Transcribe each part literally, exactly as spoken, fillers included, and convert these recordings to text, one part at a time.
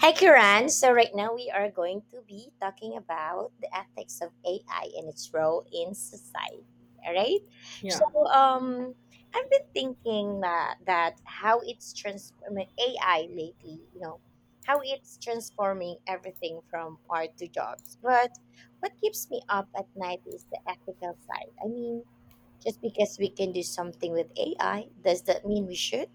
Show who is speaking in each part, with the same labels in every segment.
Speaker 1: Hi, Kiran. So, right now we are going to be talking about the ethics of A I and its role in society. All right. So,
Speaker 2: Yeah.
Speaker 1: um, I've been thinking that, that how it's transforming A I lately, you know, how it's transforming everything from art to jobs. But what keeps me up at night is the ethical side. I mean, just because we can do something with A I, does that mean we should?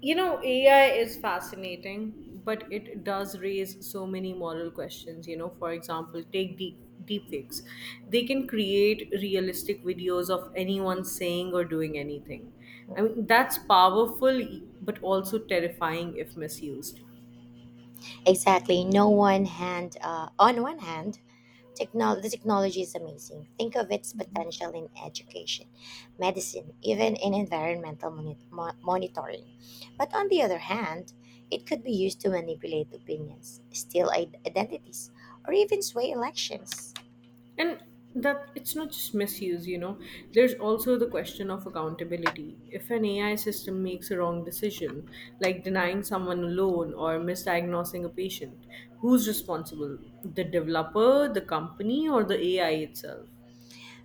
Speaker 2: You know, A I is fascinating, but it does raise so many moral questions. You know, for example, take deep deepfakes. They can create realistic videos of anyone saying or doing anything. I mean,
Speaker 1: Mm-hmm.
Speaker 2: that's powerful, but also terrifying if misused.
Speaker 1: Exactly. No one hand. Uh, on one hand, technol- the technology is amazing. Think of its potential in education, medicine, even in environmental moni- mo- monitoring. But on the other hand, it could be used to manipulate opinions, steal i- identities, or even sway elections.
Speaker 2: And that it's not just misuse, you know there's also the question of accountability. If an AI system makes a wrong decision, like denying someone a loan or misdiagnosing a patient, who's responsible? The developer, the company, or the AI itself?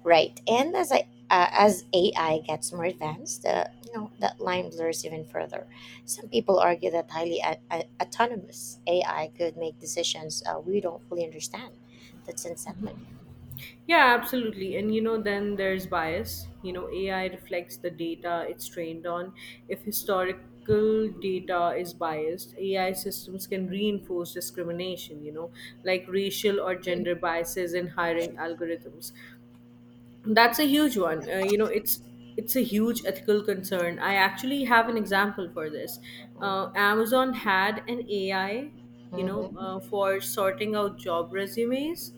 Speaker 1: Right. And as I uh, as A I gets more advanced, the you know that line blurs even further. Some people argue that highly a- a- autonomous A I could make decisions uh, we don't fully understand. That's unsettling.
Speaker 2: Yeah, absolutely. And you know, then there's bias. You know, A I reflects the data it's trained on. If historical data is biased, A I systems can reinforce discrimination, you know, like racial or gender biases in hiring algorithms. That's a huge one. Uh, you know, it's it's a huge ethical concern. I actually have an example for this. Uh,
Speaker 1: Mm-hmm.
Speaker 2: Amazon had an A I, you know, uh,
Speaker 1: Mm-hmm.
Speaker 2: for sorting out job resumes,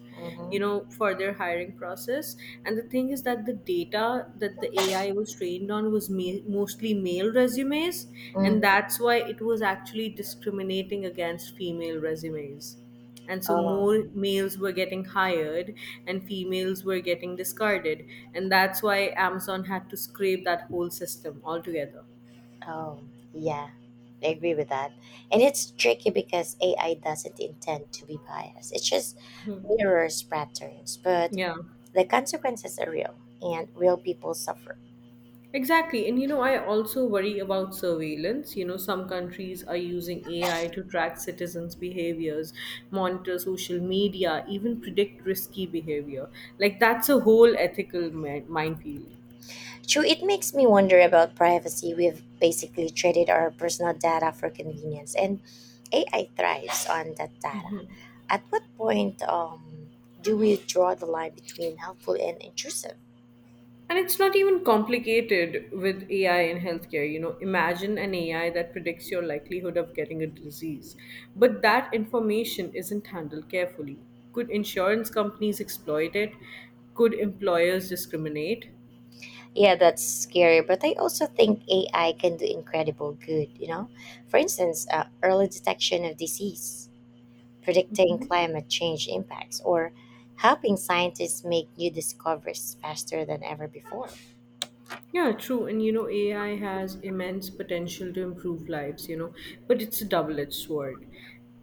Speaker 2: you know, for their hiring process. And the thing is that the data that the A I was trained on was ma- mostly male resumes, and that's
Speaker 1: Mm-hmm.
Speaker 2: why it was actually discriminating against female resumes, and so
Speaker 1: Oh,
Speaker 2: more males were getting hired and females were getting discarded, and that's why Amazon had to scrape that whole system altogether.
Speaker 1: oh, yeah. I agree with that. And it's tricky because A I doesn't intend to be biased. It just mirrors patterns, but
Speaker 2: Yeah.
Speaker 1: the consequences are real and real people suffer.
Speaker 2: Exactly. And you know, I also worry about surveillance. You know, some countries are using A I to track citizens' behaviors, monitor social media, even predict risky behavior. Like, that's a whole ethical mi- minefield.
Speaker 1: True, it makes me wonder about privacy. We've basically traded our personal data for convenience, and A I thrives on that data. At what point um, do we draw the line between helpful and intrusive?
Speaker 2: And it's not even complicated with A I in healthcare. You know, imagine an A I that predicts your likelihood of getting a disease, but that information isn't handled carefully. Could insurance companies exploit it? Could employers discriminate?
Speaker 1: Yeah, that's scary, but I also think A I can do incredible good, you know? For instance, uh, early detection of disease, predicting climate change impacts, or helping scientists make new discoveries faster than ever before.
Speaker 2: Yeah, true. And you know, A I has immense potential to improve lives, you know, but it's a double edged sword.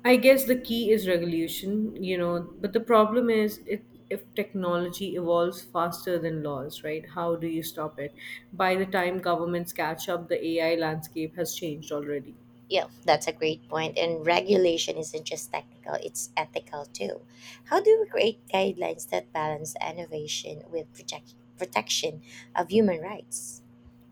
Speaker 2: I guess the key is regulation, you know, but the problem is it if technology evolves faster than laws, right? How do you stop it? By the time governments catch up, the A I landscape has changed already.
Speaker 1: Yeah, that's a great point. And regulation isn't just technical, it's ethical too. How do we create guidelines that balance innovation with protect- protection of human rights?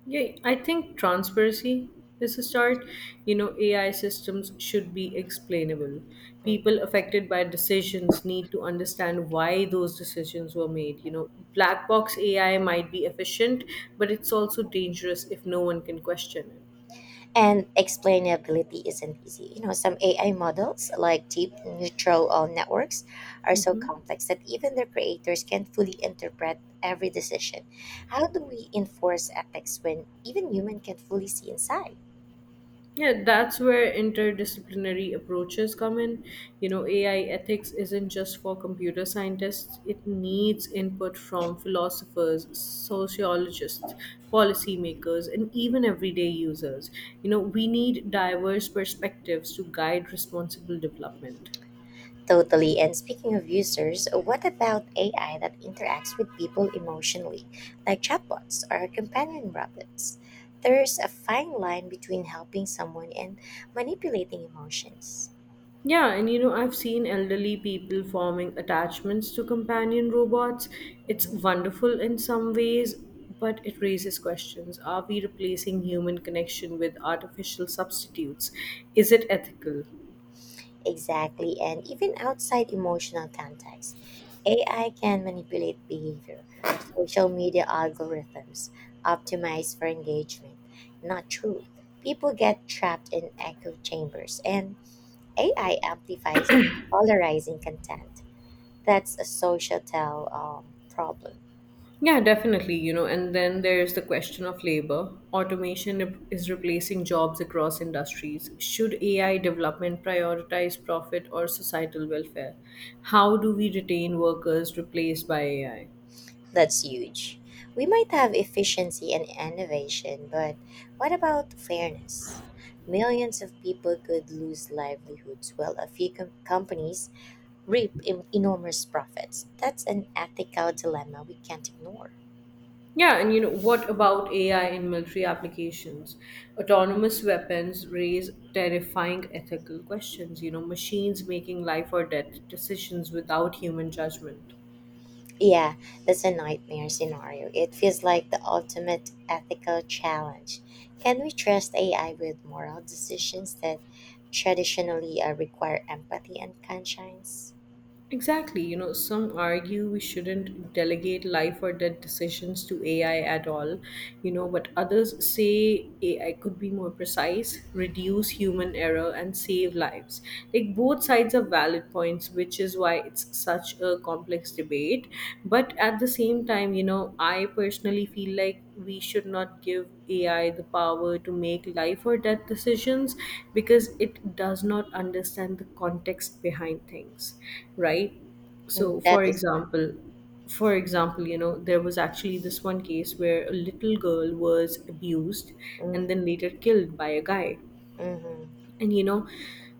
Speaker 2: Yeah, I think transparency is a start. You know, A I systems should be explainable. People
Speaker 1: Mm.
Speaker 2: affected by decisions need to understand why those decisions were made. You know, black box A I might be efficient, but it's also dangerous if no one can question it.
Speaker 1: And explainability isn't easy. You know, some A I models like deep neutral uh, networks are so
Speaker 2: Mhm.
Speaker 1: complex that even their creators can't fully interpret every decision. How do we enforce ethics when even human can't fully see inside?
Speaker 2: Yeah, that's where interdisciplinary approaches come in. You know, A I ethics isn't just for computer scientists, it needs input from philosophers, sociologists, policymakers, and even everyday users. You know, we need diverse perspectives to guide responsible development.
Speaker 1: Totally. And speaking of users, what about A I that interacts with people emotionally, like chatbots or companion robots? There's a fine line between helping someone and manipulating emotions.
Speaker 2: Yeah, and you know, I've seen elderly people forming attachments to companion robots. It's
Speaker 1: Mhm.
Speaker 2: wonderful in some ways, but it raises questions. Are we replacing human connection with artificial substitutes? Is it ethical?
Speaker 1: Exactly. And even outside emotional context, A I can manipulate behavior, social media algorithms, optimize for engagement, not truth. People get trapped in echo chambers and A I amplifies polarizing content. That's a societal um, problem.
Speaker 2: Yeah, definitely, you know, and then there's the question of labor. Automation re- is replacing jobs across industries. Should A I development prioritize profit or societal welfare? How do we retain workers replaced by A I?
Speaker 1: That's huge. We might have efficiency and innovation, but what about fairness? Millions of people could lose livelihoods while a few com- companies reap em- enormous profits. That's an ethical dilemma we can't ignore.
Speaker 2: Yeah, and you know, what about A I in military applications? Autonomous weapons raise terrifying ethical questions, you know, machines making life or death decisions without human judgment.
Speaker 1: Yeah, that's a nightmare scenario. It feels like the ultimate ethical challenge. Can we trust A I with moral decisions that traditionally uh, require empathy and conscience?
Speaker 2: Exactly. You know, some argue we shouldn't delegate life or death decisions to A I at all, you know, but others say A I could be more precise, reduce human error, and save lives. Like, both sides are valid points, which is why it's such a complex debate. But at the same time, you know, I personally feel like we should not give A I the power to make life or death decisions because it does not understand the context behind things, right? So,
Speaker 1: Mm,
Speaker 2: for
Speaker 1: that is good.
Speaker 2: example, for example, you know, there was actually this one case where a little girl was abused and
Speaker 1: Mm,
Speaker 2: then later killed by a guy.
Speaker 1: mm-hmm.
Speaker 2: And you know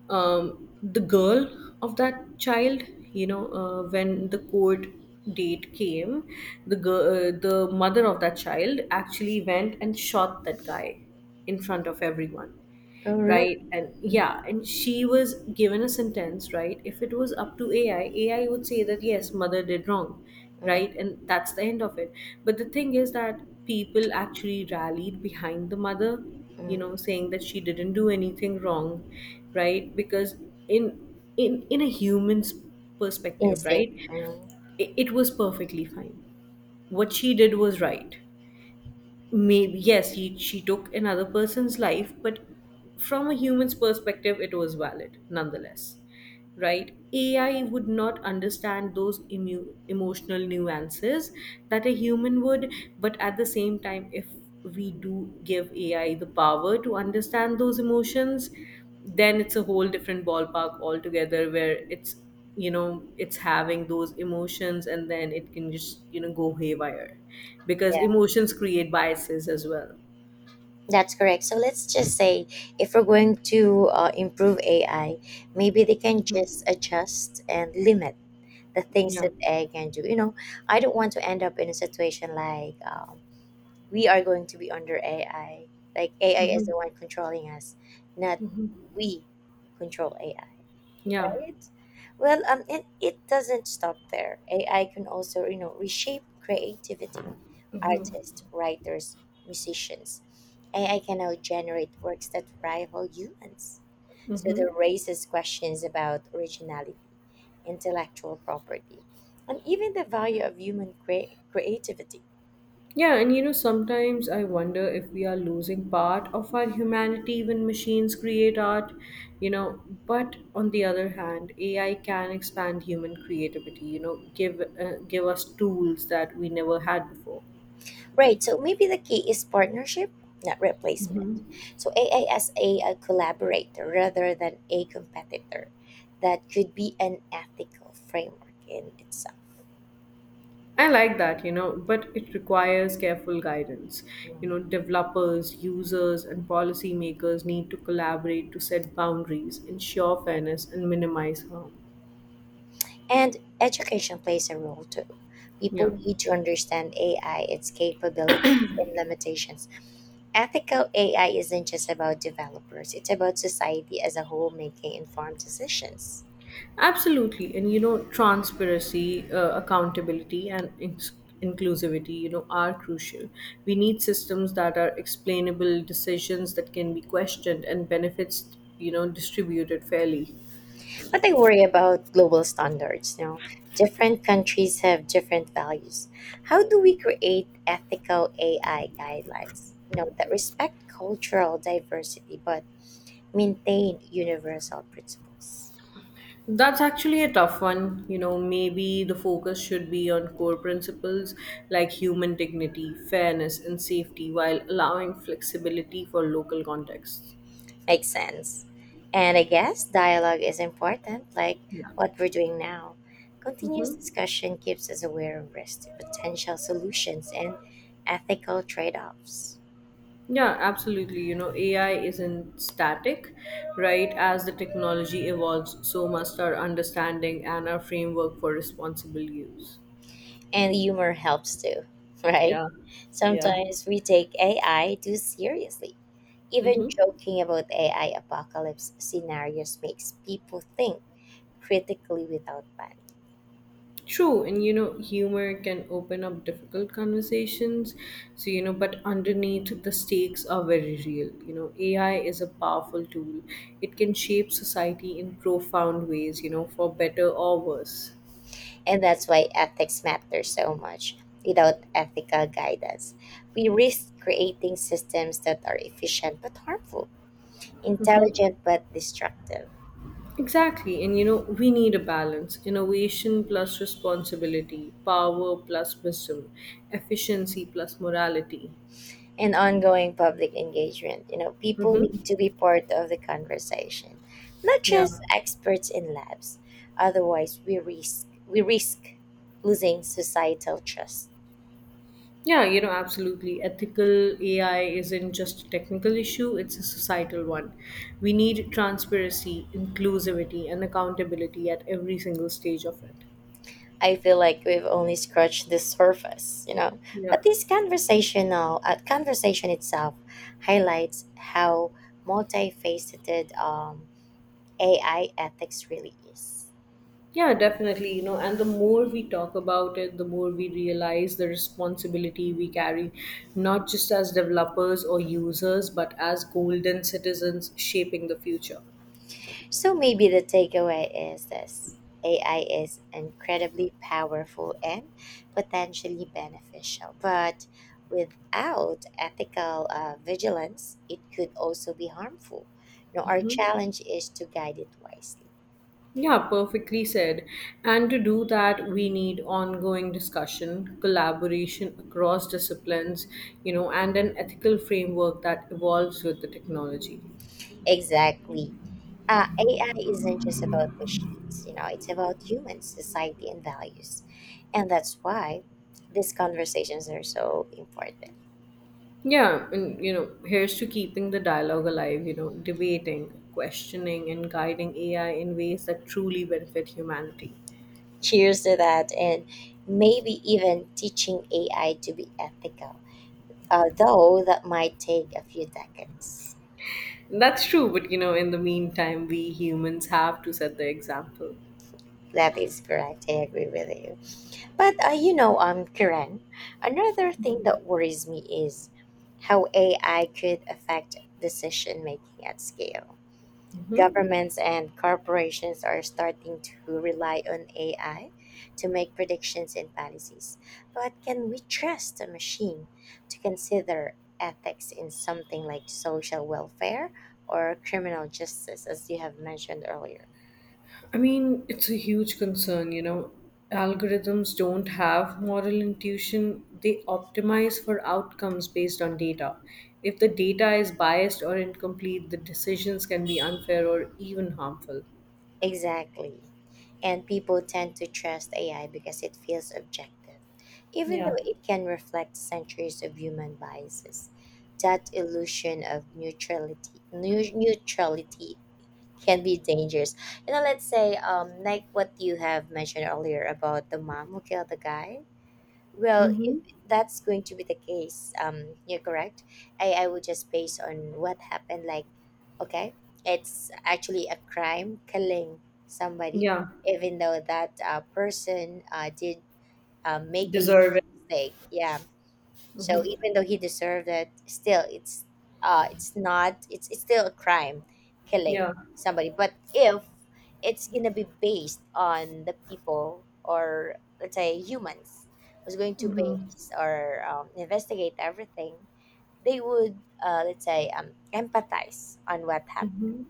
Speaker 2: um, the girl of that child, you know uh, when the court date came, the girl uh, the mother of that child actually went and shot that guy in front of everyone,
Speaker 1: Oh, really?
Speaker 2: right. And yeah, and she was given a sentence, right. If it was up to ai ai would say that yes, mother did wrong, right,
Speaker 1: Mm,
Speaker 2: and that's the end of it. But the thing is that people actually rallied behind the mother, you know
Speaker 1: mm,
Speaker 2: saying that she didn't do anything wrong, right, because in in in a human's perspective,
Speaker 1: instinct.
Speaker 2: right,
Speaker 1: Mm,
Speaker 2: it, it was perfectly fine. What she did was right. Maybe yes, he she took another person's life, but from a human's perspective it was valid nonetheless, right. AI would not understand those emu- emotional nuances that a human would. But at the same time, if we do give AI the power to understand those emotions, then it's a whole different ballpark altogether, where it's you know it's having those emotions, and then it can just, you know go haywire because
Speaker 1: yeah,
Speaker 2: emotions create biases as well.
Speaker 1: that's correct. So let's just say if we're going to uh, improve A I, maybe they can
Speaker 2: Mhm.
Speaker 1: just adjust and limit the things
Speaker 2: Yeah.
Speaker 1: that I can do. You know, I don't want to end up in a situation like um, we are going to be under A I. Like A I is
Speaker 2: Mhm.
Speaker 1: the one controlling us, not we control A I,
Speaker 2: Yeah.
Speaker 1: right? Well, um, and it doesn't stop there. A I can also, you know, reshape creativity. Artists, writers, musicians. A I can now generate works that rival humans. So
Speaker 2: Hmm.
Speaker 1: that raises questions about originality, intellectual property, and even the value of human crea- creativity.
Speaker 2: Yeah, and you know, sometimes I wonder if we are losing part of our humanity when machines create art, you know. But on the other hand, A I can expand human creativity, you know, give uh, give us tools that we never had before.
Speaker 1: Right. So maybe the key is partnership, not replacement. So A I as a, a collaborator rather than a competitor. That could be an ethical framework in itself.
Speaker 2: I like that, you know, but it requires careful guidance. You know, developers, users, and policymakers need to collaborate to set boundaries, ensure fairness, and minimize harm.
Speaker 1: And education plays a role too. People
Speaker 2: Yeah.
Speaker 1: need to understand A I, its capabilities and limitations. Ethical A I isn't just about developers, it's about society as a whole making informed decisions.
Speaker 2: Absolutely. And you know, transparency, uh, accountability, and ins- inclusivity, you know, are crucial. We need systems that are explainable, decisions that can be questioned, and benefits, you know, distributed fairly.
Speaker 1: But I worry about global standards. You know, different countries have different values. How do we create ethical A I guidelines? You know, that respect cultural diversity but maintain universal principles.
Speaker 2: That's actually a tough one. You know, maybe the focus should be on core principles like human dignity, fairness, and safety while allowing flexibility for local contexts.
Speaker 1: Makes sense. And I guess dialogue is important, like what we're doing now. Continuous discussion keeps us aware of risk, potential solutions, and ethical trade offs.
Speaker 2: Yeah, absolutely. You know, A I isn't static, right? As the technology evolves, so must our understanding and our framework for responsible use.
Speaker 1: And humor helps too, right?
Speaker 2: Yeah, yeah.
Speaker 1: Sometimes we take A I too seriously. Even
Speaker 2: Mm-hmm.
Speaker 1: joking about A I apocalypse scenarios makes people think critically without panic.
Speaker 2: True, and you know, humor can open up difficult conversations. So, you know, but underneath the stakes are very real. You know, A I is a powerful tool, it can shape society in profound ways, you know, for better or worse.
Speaker 1: And that's why ethics matter so much. Without ethical guidance, we risk creating systems that are efficient but harmful. Intelligent but destructive.
Speaker 2: Exactly, and you know, we need a balance innovation plus responsibility, power plus wisdom, efficiency plus morality.
Speaker 1: and ongoing public engagement. You know, people
Speaker 2: Mm-hmm.
Speaker 1: need to be part of the conversation, not
Speaker 2: Yeah.
Speaker 1: just experts in labs. Otherwise, we risk we risk losing societal trust.
Speaker 2: Yeah, you know, absolutely. Ethical A I isn't just a technical issue, it's a societal one. We need transparency, inclusivity, and accountability at every single stage of it.
Speaker 1: I feel like we've only scratched the surface, you know.
Speaker 2: Yeah.
Speaker 1: But this conversational uh, conversation itself highlights how multifaceted um, A I ethics really is.
Speaker 2: Yeah, definitely. You know, and the more we talk about it, the more we realize the responsibility we carry, not just as developers or users, but as golden citizens shaping the future.
Speaker 1: So maybe the takeaway is this: A I is incredibly powerful and potentially beneficial, but without ethical uh, vigilance, it could also be harmful. You know, our challenge is to guide it wisely.
Speaker 2: Yeah, perfectly said. And to do that, we need ongoing discussion, collaboration across disciplines, you know, and an ethical framework that evolves with the technology.
Speaker 1: Exactly. Uh, A I isn't just about machines, you know, it's about humans, society, and values. And that's why these conversations are so important.
Speaker 2: Yeah, and you know, here's to keeping the dialogue alive, you know, debating, questioning, and guiding A I in ways that truly benefit humanity.
Speaker 1: Cheers to that, and maybe even teaching A I to be ethical, although that might take a few decades.
Speaker 2: That's true, but you know, in the meantime, we humans have to set the example.
Speaker 1: That is correct. I agree with you. But uh, you know, um, Karen, another thing that worries me is how A I could affect decision making at scale. Governments and corporations are starting to rely on A I to make predictions and policies. But can we trust a machine to consider ethics in something like social welfare or criminal justice, as you have mentioned earlier?
Speaker 2: I mean, it's a huge concern, you know. Algorithms don't have moral intuition, they optimize for outcomes based on data. If the data is biased or incomplete, the decisions can be unfair or even harmful.
Speaker 1: Exactly. And people tend to trust A I because it feels objective, even
Speaker 2: Yeah.
Speaker 1: though it can reflect centuries of human biases. That illusion of neutrality, neu- neutrality can be dangerous. You know, let's say, um, like what you have mentioned earlier about the mom who killed the guy. Well, if
Speaker 2: Mm-hmm.
Speaker 1: that's going to be the case, um, you're correct. I, I would just base on what happened. Like, okay, it's actually a crime killing somebody,
Speaker 2: Yeah.
Speaker 1: even though that uh, person uh, did uh, make a
Speaker 2: Deserve
Speaker 1: huge
Speaker 2: it.
Speaker 1: mistake. Yeah, so even though he deserved it, still it's uh it's not it's it's still a crime killing
Speaker 2: Yeah.
Speaker 1: somebody. But if it's gonna be based on the people or let's say humans who's going to base or um, investigate everything, they would uh, let's say um, empathize on what happened,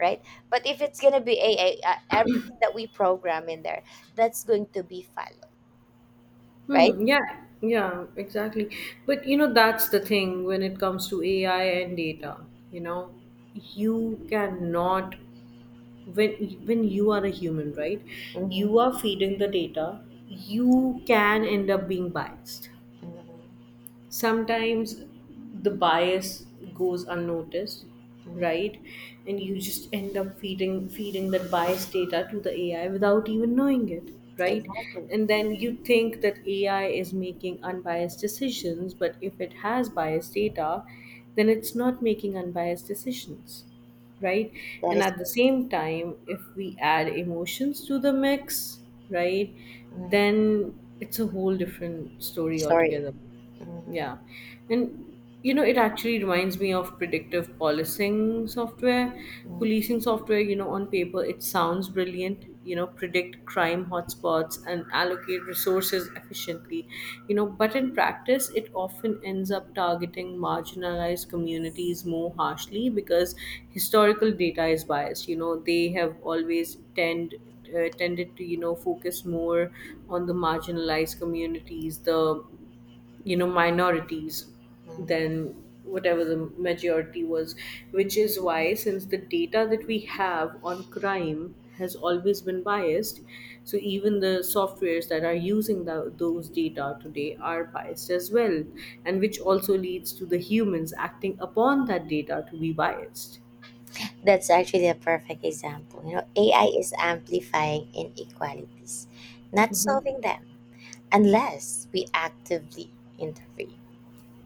Speaker 1: right? But if it's gonna be a, a, a- everything that we program in there, that's going to be followed, right?
Speaker 2: Hmm. Yeah. Yeah. Exactly. But you know, that's the thing when it comes to A I and data. You know, you cannot when when you are a human, right? You are
Speaker 1: Hmm.
Speaker 2: feeding the data. You can end up being biased.
Speaker 1: Hmm.
Speaker 2: Sometimes the bias goes unnoticed, right, and you just end up feeding feeding that bias data to the AI without even knowing it, right.
Speaker 1: Exactly.
Speaker 2: And then you think that AI is making unbiased decisions, but if it has biased data then it's not making unbiased decisions, right.
Speaker 1: That
Speaker 2: And
Speaker 1: is
Speaker 2: at the same time, if we add emotions to the mix, right, then it's a whole different story
Speaker 1: sorry.
Speaker 2: altogether. Yeah. And you know, it actually reminds me of predictive policing software. Policing software, you know, on paper, it sounds brilliant, you know, predict crime hotspots and allocate resources efficiently, you know, but in practice, it often ends up targeting marginalized communities more harshly because historical data is biased. You know, they have always tend uh, tended to, you know focus more on the marginalized communities, the, you know minorities, than whatever the majority was, which is why, since the data that we have on crime has always been biased, so even the softwares that are using tho- those data today are biased as well, and which also leads to the humans acting upon that data to be biased.
Speaker 1: That's actually a perfect example. You know, A I is amplifying inequalities, not
Speaker 2: Mhm.
Speaker 1: solving them, unless we actively intervene.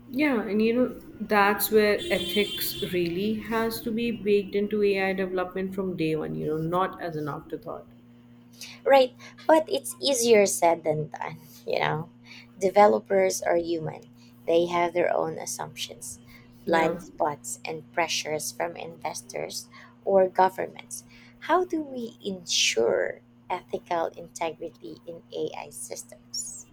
Speaker 2: Yeah, and you know, that's where ethics really has to be baked into A I development from day one, you know, not as an afterthought.
Speaker 1: Right, but it's easier said than done, you know. Developers are human. They have their own assumptions,
Speaker 2: Yeah.
Speaker 1: blind spots, and pressures from investors or governments. How do we ensure ethical integrity in A I systems?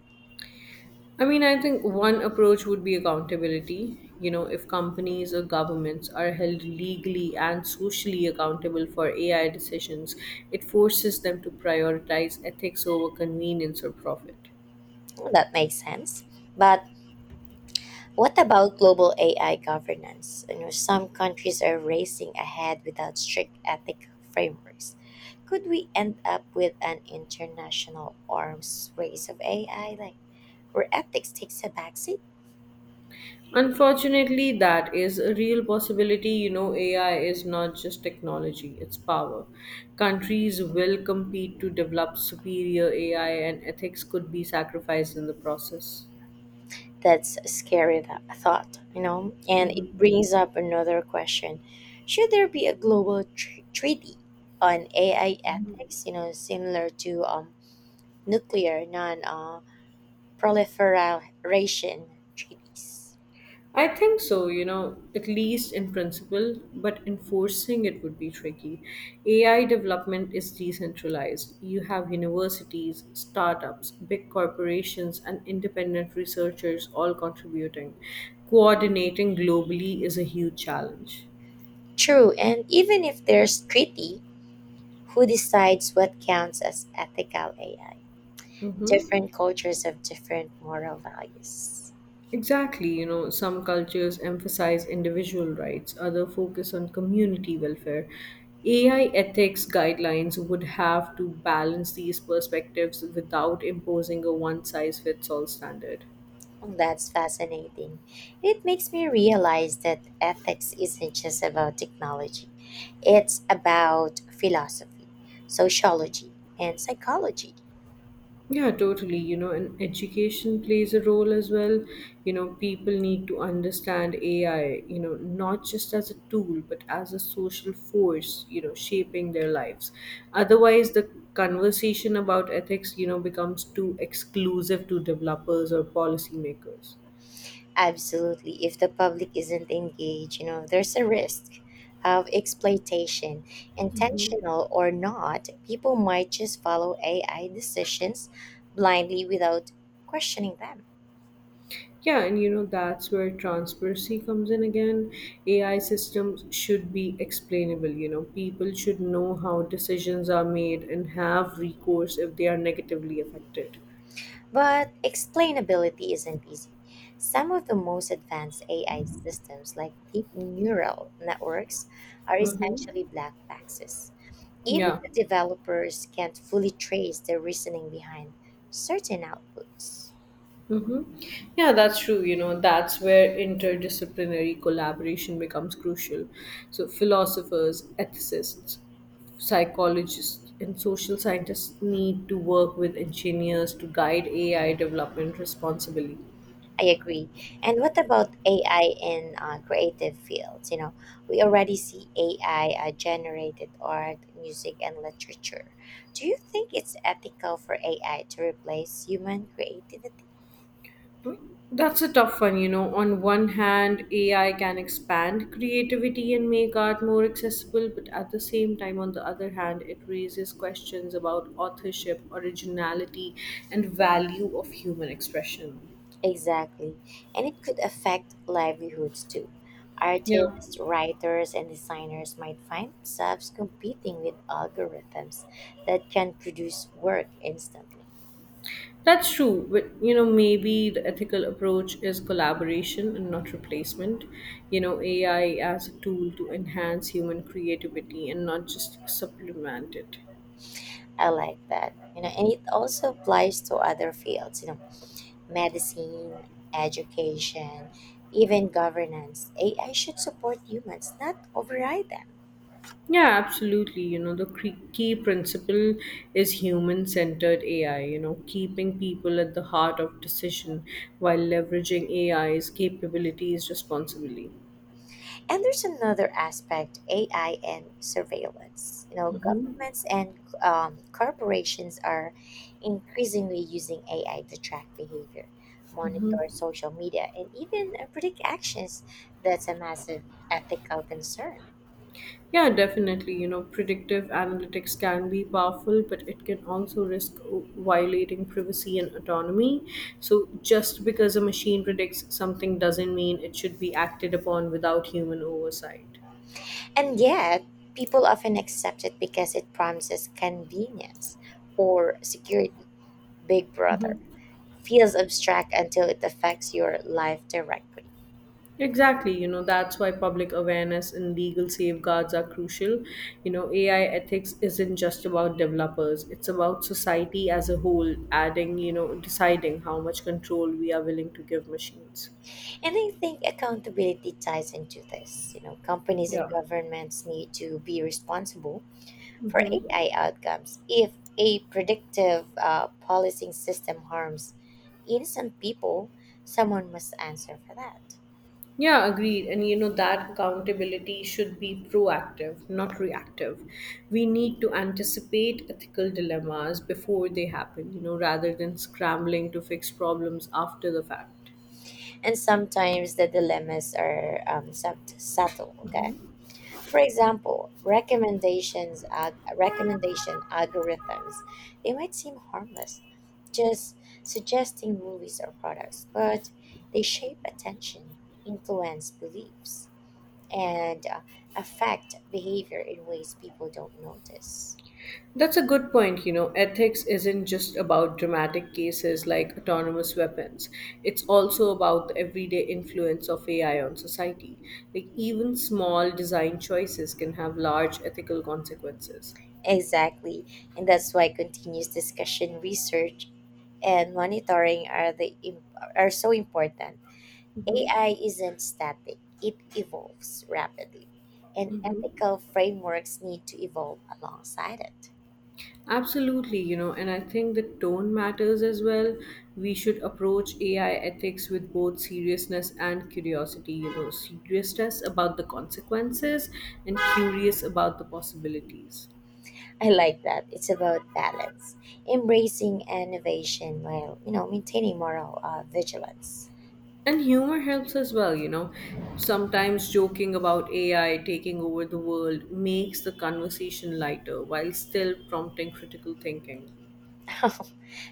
Speaker 2: I mean, I think one approach would be accountability. You know, if companies or governments are held legally and socially accountable for A I decisions, it forces them to prioritize ethics over convenience or profit.
Speaker 1: Well, that makes sense. But what about global A I governance? You know, some countries are racing ahead without strict ethical frameworks. Could we end up with an international arms race of A I, like where ethics takes a backseat?
Speaker 2: Unfortunately, that is a real possibility. You know, A I is not just technology, it's power. Countries will compete to develop superior A I, and ethics could be sacrificed in the process.
Speaker 1: That's a scary th- thought, you know? And it brings up another question. Should there be a global tr- treaty on A I ethics, you know, similar to um, nuclear non uh, proliferation treaties?
Speaker 2: I think so, you know, at least in principle, but enforcing it would be tricky. A I development is decentralized. You have universities, startups, big corporations, and independent researchers all contributing. Coordinating globally is a huge challenge.
Speaker 1: True, and even if there's treaty, who decides what counts as ethical A I?
Speaker 2: Mhm.
Speaker 1: Different cultures have different moral values.
Speaker 2: Exactly, you know, some cultures emphasize individual rights, others focus on community welfare. A I ethics guidelines would have to balance these perspectives without imposing a one size fits all standard.
Speaker 1: That's fascinating. It makes me realize that ethics isn't just about technology, it's about philosophy, sociology, and psychology.
Speaker 2: Yeah, totally. You know, and education plays a role as well. You know, people need to understand A I, you know, not just as a tool, but as a social force, you know, shaping their lives. Otherwise, the conversation about ethics, you know, becomes too exclusive to developers or policymakers.
Speaker 1: Absolutely. If the public isn't engaged, you know, there's a risk of exploitation. Intentional or not, people might just follow A I decisions blindly without questioning them.
Speaker 2: Yeah, and you know, that's where transparency comes in again. A I systems should be explainable. You know, people should know how decisions are made and have recourse if they are negatively affected.
Speaker 1: But explainability isn't easy. Some of the most advanced A I systems, like deep neural networks, are
Speaker 2: Mm-hmm.
Speaker 1: essentially black boxes. Even
Speaker 2: Yeah.
Speaker 1: the developers can't fully trace the reasoning behind certain outputs.
Speaker 2: Mm-hmm. Yeah, that's true. You know, that's where interdisciplinary collaboration becomes crucial. So, philosophers, ethicists, psychologists, and social scientists need to work with engineers to guide A I development responsibly.
Speaker 1: I agree. And what about A I in uh, creative fields? You know, we already see A I uh, generated art, music, and literature. Do you think it's ethical for A I to replace human creativity?
Speaker 2: That's a tough one, you know. On one hand, A I can expand creativity and make art more accessible, but at the same time, on the other hand, it raises questions about authorship, originality, and value of human expression.
Speaker 1: Exactly. And it could affect livelihoods too.
Speaker 2: Yeah,
Speaker 1: Artists, writers, and designers might find themselves competing with algorithms that can produce work instantly.
Speaker 2: that's true. But you know, maybe the ethical approach is collaboration and not replacement. You know, A I as a tool to enhance human creativity and not just supplement it.
Speaker 1: I like that. You know, and it also applies to other fields. You know, medicine, education, even governance, A I should support humans, not override them.
Speaker 2: Yeah, absolutely. You know, the cre- key principle is human centered A I, you know, keeping people at the heart of decision while leveraging AI's capabilities responsibly.
Speaker 1: And there's another aspect: A I and surveillance. You know, governments and um, corporations are increasingly using A I to track behavior, monitor social media, and even uh, predict actions. That's a massive ethical concern.
Speaker 2: Yeah, definitely. You know, predictive analytics can be powerful, but it can also risk violating privacy and autonomy. So, just because a machine predicts something doesn't mean it should be acted upon without human oversight.
Speaker 1: And yet, people often accept it because it promises convenience or security. Big Brother feels abstract until it affects your life directly.
Speaker 2: Exactly, you know, that's why public awareness and legal safeguards are crucial. You know, A I ethics isn't just about developers, it's about society as a whole, adding, you know, deciding how much control we are willing to give machines.
Speaker 1: And I think accountability ties into this. You know, companies and
Speaker 2: Yeah.
Speaker 1: governments need to be responsible for A I outcomes. If a predictive uh, policing system harms innocent people, someone must answer for that.
Speaker 2: Yeah, agreed. And you know, that accountability should be proactive, not reactive. We need to anticipate ethical dilemmas before they happen, you know, rather than scrambling to fix problems after the fact.
Speaker 1: And sometimes the dilemmas are um, sub- subtle. Okay, for example, recommendations ag- recommendation algorithms, they might seem harmless, just suggesting movies or products, but they shape attention, influence beliefs, and uh, affect behavior in ways people don't notice.
Speaker 2: That's a good point. You know, ethics isn't just about dramatic cases like autonomous weapons. It's also about the everyday influence of A I on society. Like, even small design choices can have large ethical consequences.
Speaker 1: Exactly, and that's why continuous discussion, research, and monitoring are the im- are so important.
Speaker 2: Hmm.
Speaker 1: A I isn't static, it evolves rapidly, and
Speaker 2: Hmm.
Speaker 1: ethical frameworks need to evolve alongside it.
Speaker 2: Absolutely, you know, and I think the tone matters as well. We should approach A I ethics with both seriousness and curiosity, you know, seriousness about the consequences and curious about the possibilities.
Speaker 1: I like that. It's about balance, embracing innovation while, you know, maintaining moral uh, vigilance.
Speaker 2: And humor helps as well, you know. Sometimes joking about A I taking over the world makes the conversation lighter while still prompting critical thinking.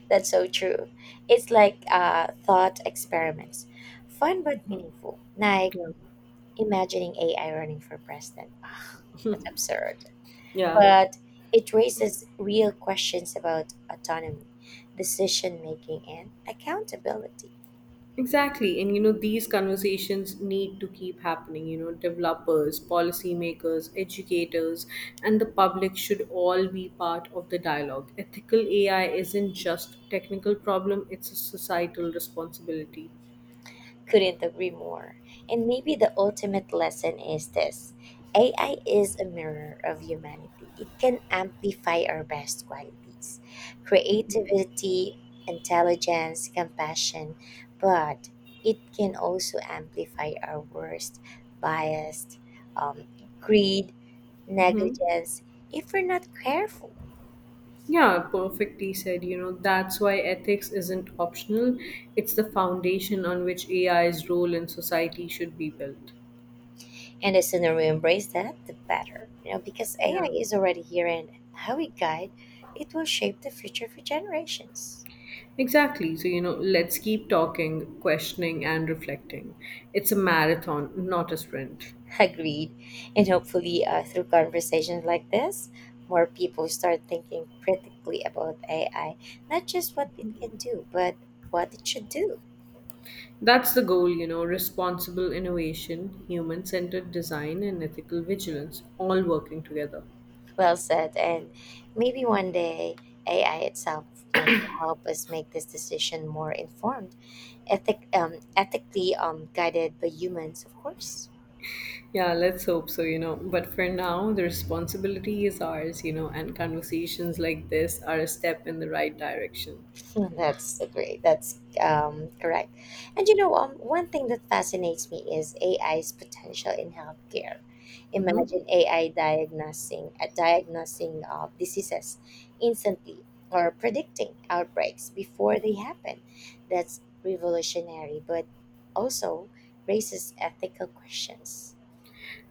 Speaker 1: That's so true. It's like uh, thought experiments. Fun but meaningful. Like
Speaker 2: Yeah.
Speaker 1: imagining A I running for president. Ah, that's absurd.
Speaker 2: Yeah.
Speaker 1: But it raises real questions about autonomy, decision making, and accountability.
Speaker 2: Exactly. And you know, these conversations need to keep happening. You know, developers, policymakers, educators, and the public should all be part of the dialogue. Ethical A I isn't just a technical problem, it's a societal responsibility.
Speaker 1: Couldn't agree more. And maybe the ultimate lesson is this: A I is a mirror of humanity, it can amplify our best qualities, creativity, intelligence, compassion, but it can also amplify our worst, bias, um, greed,
Speaker 2: Hmm.
Speaker 1: negligence, if we're not careful.
Speaker 2: Yeah, perfectly said. You know, that's why ethics isn't optional. It's the foundation on which AI's role in society should be built.
Speaker 1: And the sooner we embrace that, the better. You know, because A I
Speaker 2: Yeah,
Speaker 1: is already here and how we guide it will shape the future for generations.
Speaker 2: exactly. So, you know, let's keep talking, questioning, and reflecting. It's a marathon, not a sprint.
Speaker 1: Agreed. And hopefully, uh, through conversations like this, more people start thinking critically about A I, not just what it can do, but what it should do.
Speaker 2: That's the goal, you know, responsible innovation, human centered design, and ethical vigilance, all working together.
Speaker 1: Well said. And maybe one day, A I itself, you know, will help us make this decision more informed, ethic, um, ethically, um, guided by humans, of course.
Speaker 2: Yeah, let's hope so, you know. But for now, the responsibility is ours, you know, and conversations like this are a step in the right direction.
Speaker 1: That's a great. That's um, correct. And you know, um, one thing that fascinates me is A I's potential in healthcare.
Speaker 2: Hmm.
Speaker 1: Imagine A I diagnosing uh, diagnosing uh, diseases instantly or predicting outbreaks before they happen. That's revolutionary, but also raises ethical questions.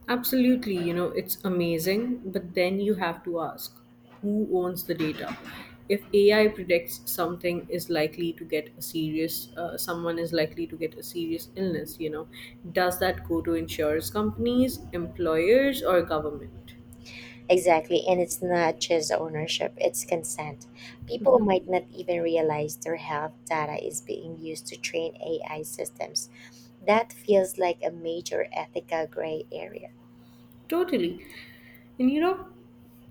Speaker 2: Absolutely, you know, it's amazing. But then you have to ask, who owns the data? If A I predicts something is likely to get a serious, uh, someone is likely to get a serious illness, you know, does that go to insurance companies, employers, or government?
Speaker 1: Exactly, and it's not just ownership, it's consent. People might not even realize their health data is being used to train A I systems. That feels like a major ethical gray area.
Speaker 2: Totally. And you know,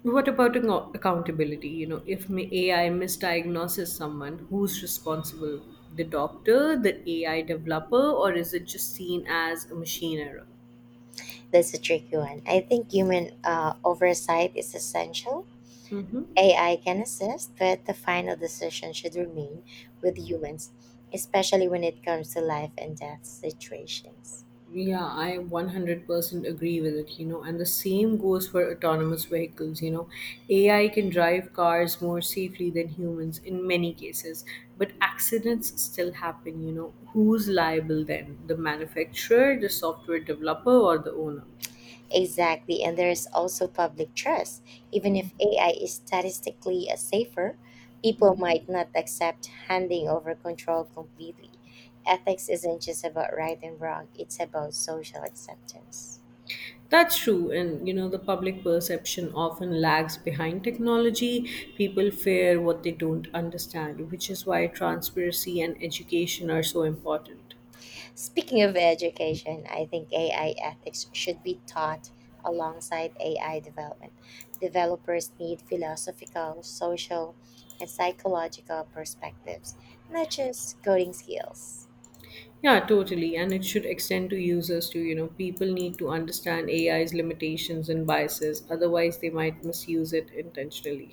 Speaker 2: what about ac- accountability? You know, if ma- A I misdiagnoses someone, who's responsible? The doctor, the A I developer, or is it just seen as a machine error?
Speaker 1: That's a tricky one. I think human uh, oversight is essential.
Speaker 2: Hmm.
Speaker 1: A I can assist, but the final decision should remain with humans, especially when it comes to life and death situations.
Speaker 2: Yeah, I one hundred percent agree with it, you know, and the same goes for autonomous vehicles, you know. A I can drive cars more safely than humans in many cases, but accidents still happen, you know. Who's liable then? The manufacturer, the software developer, or the owner?
Speaker 1: Exactly, and there is also public trust. Even if A I is statistically a safer, people might not accept handing over control completely. Ethics isn't just about right and wrong, it's about social acceptance.
Speaker 2: That's true, and you know, the public perception often lags behind technology. People fear what they don't understand, which is why transparency and education are so important.
Speaker 1: Speaking of education, I think A I ethics should be taught alongside A I development. Developers need philosophical, social, and psychological perspectives, not just coding skills.
Speaker 2: Yeah, totally, and it should extend to users too. You know, people need to understand AI's limitations and biases. Otherwise, they might misuse it intentionally.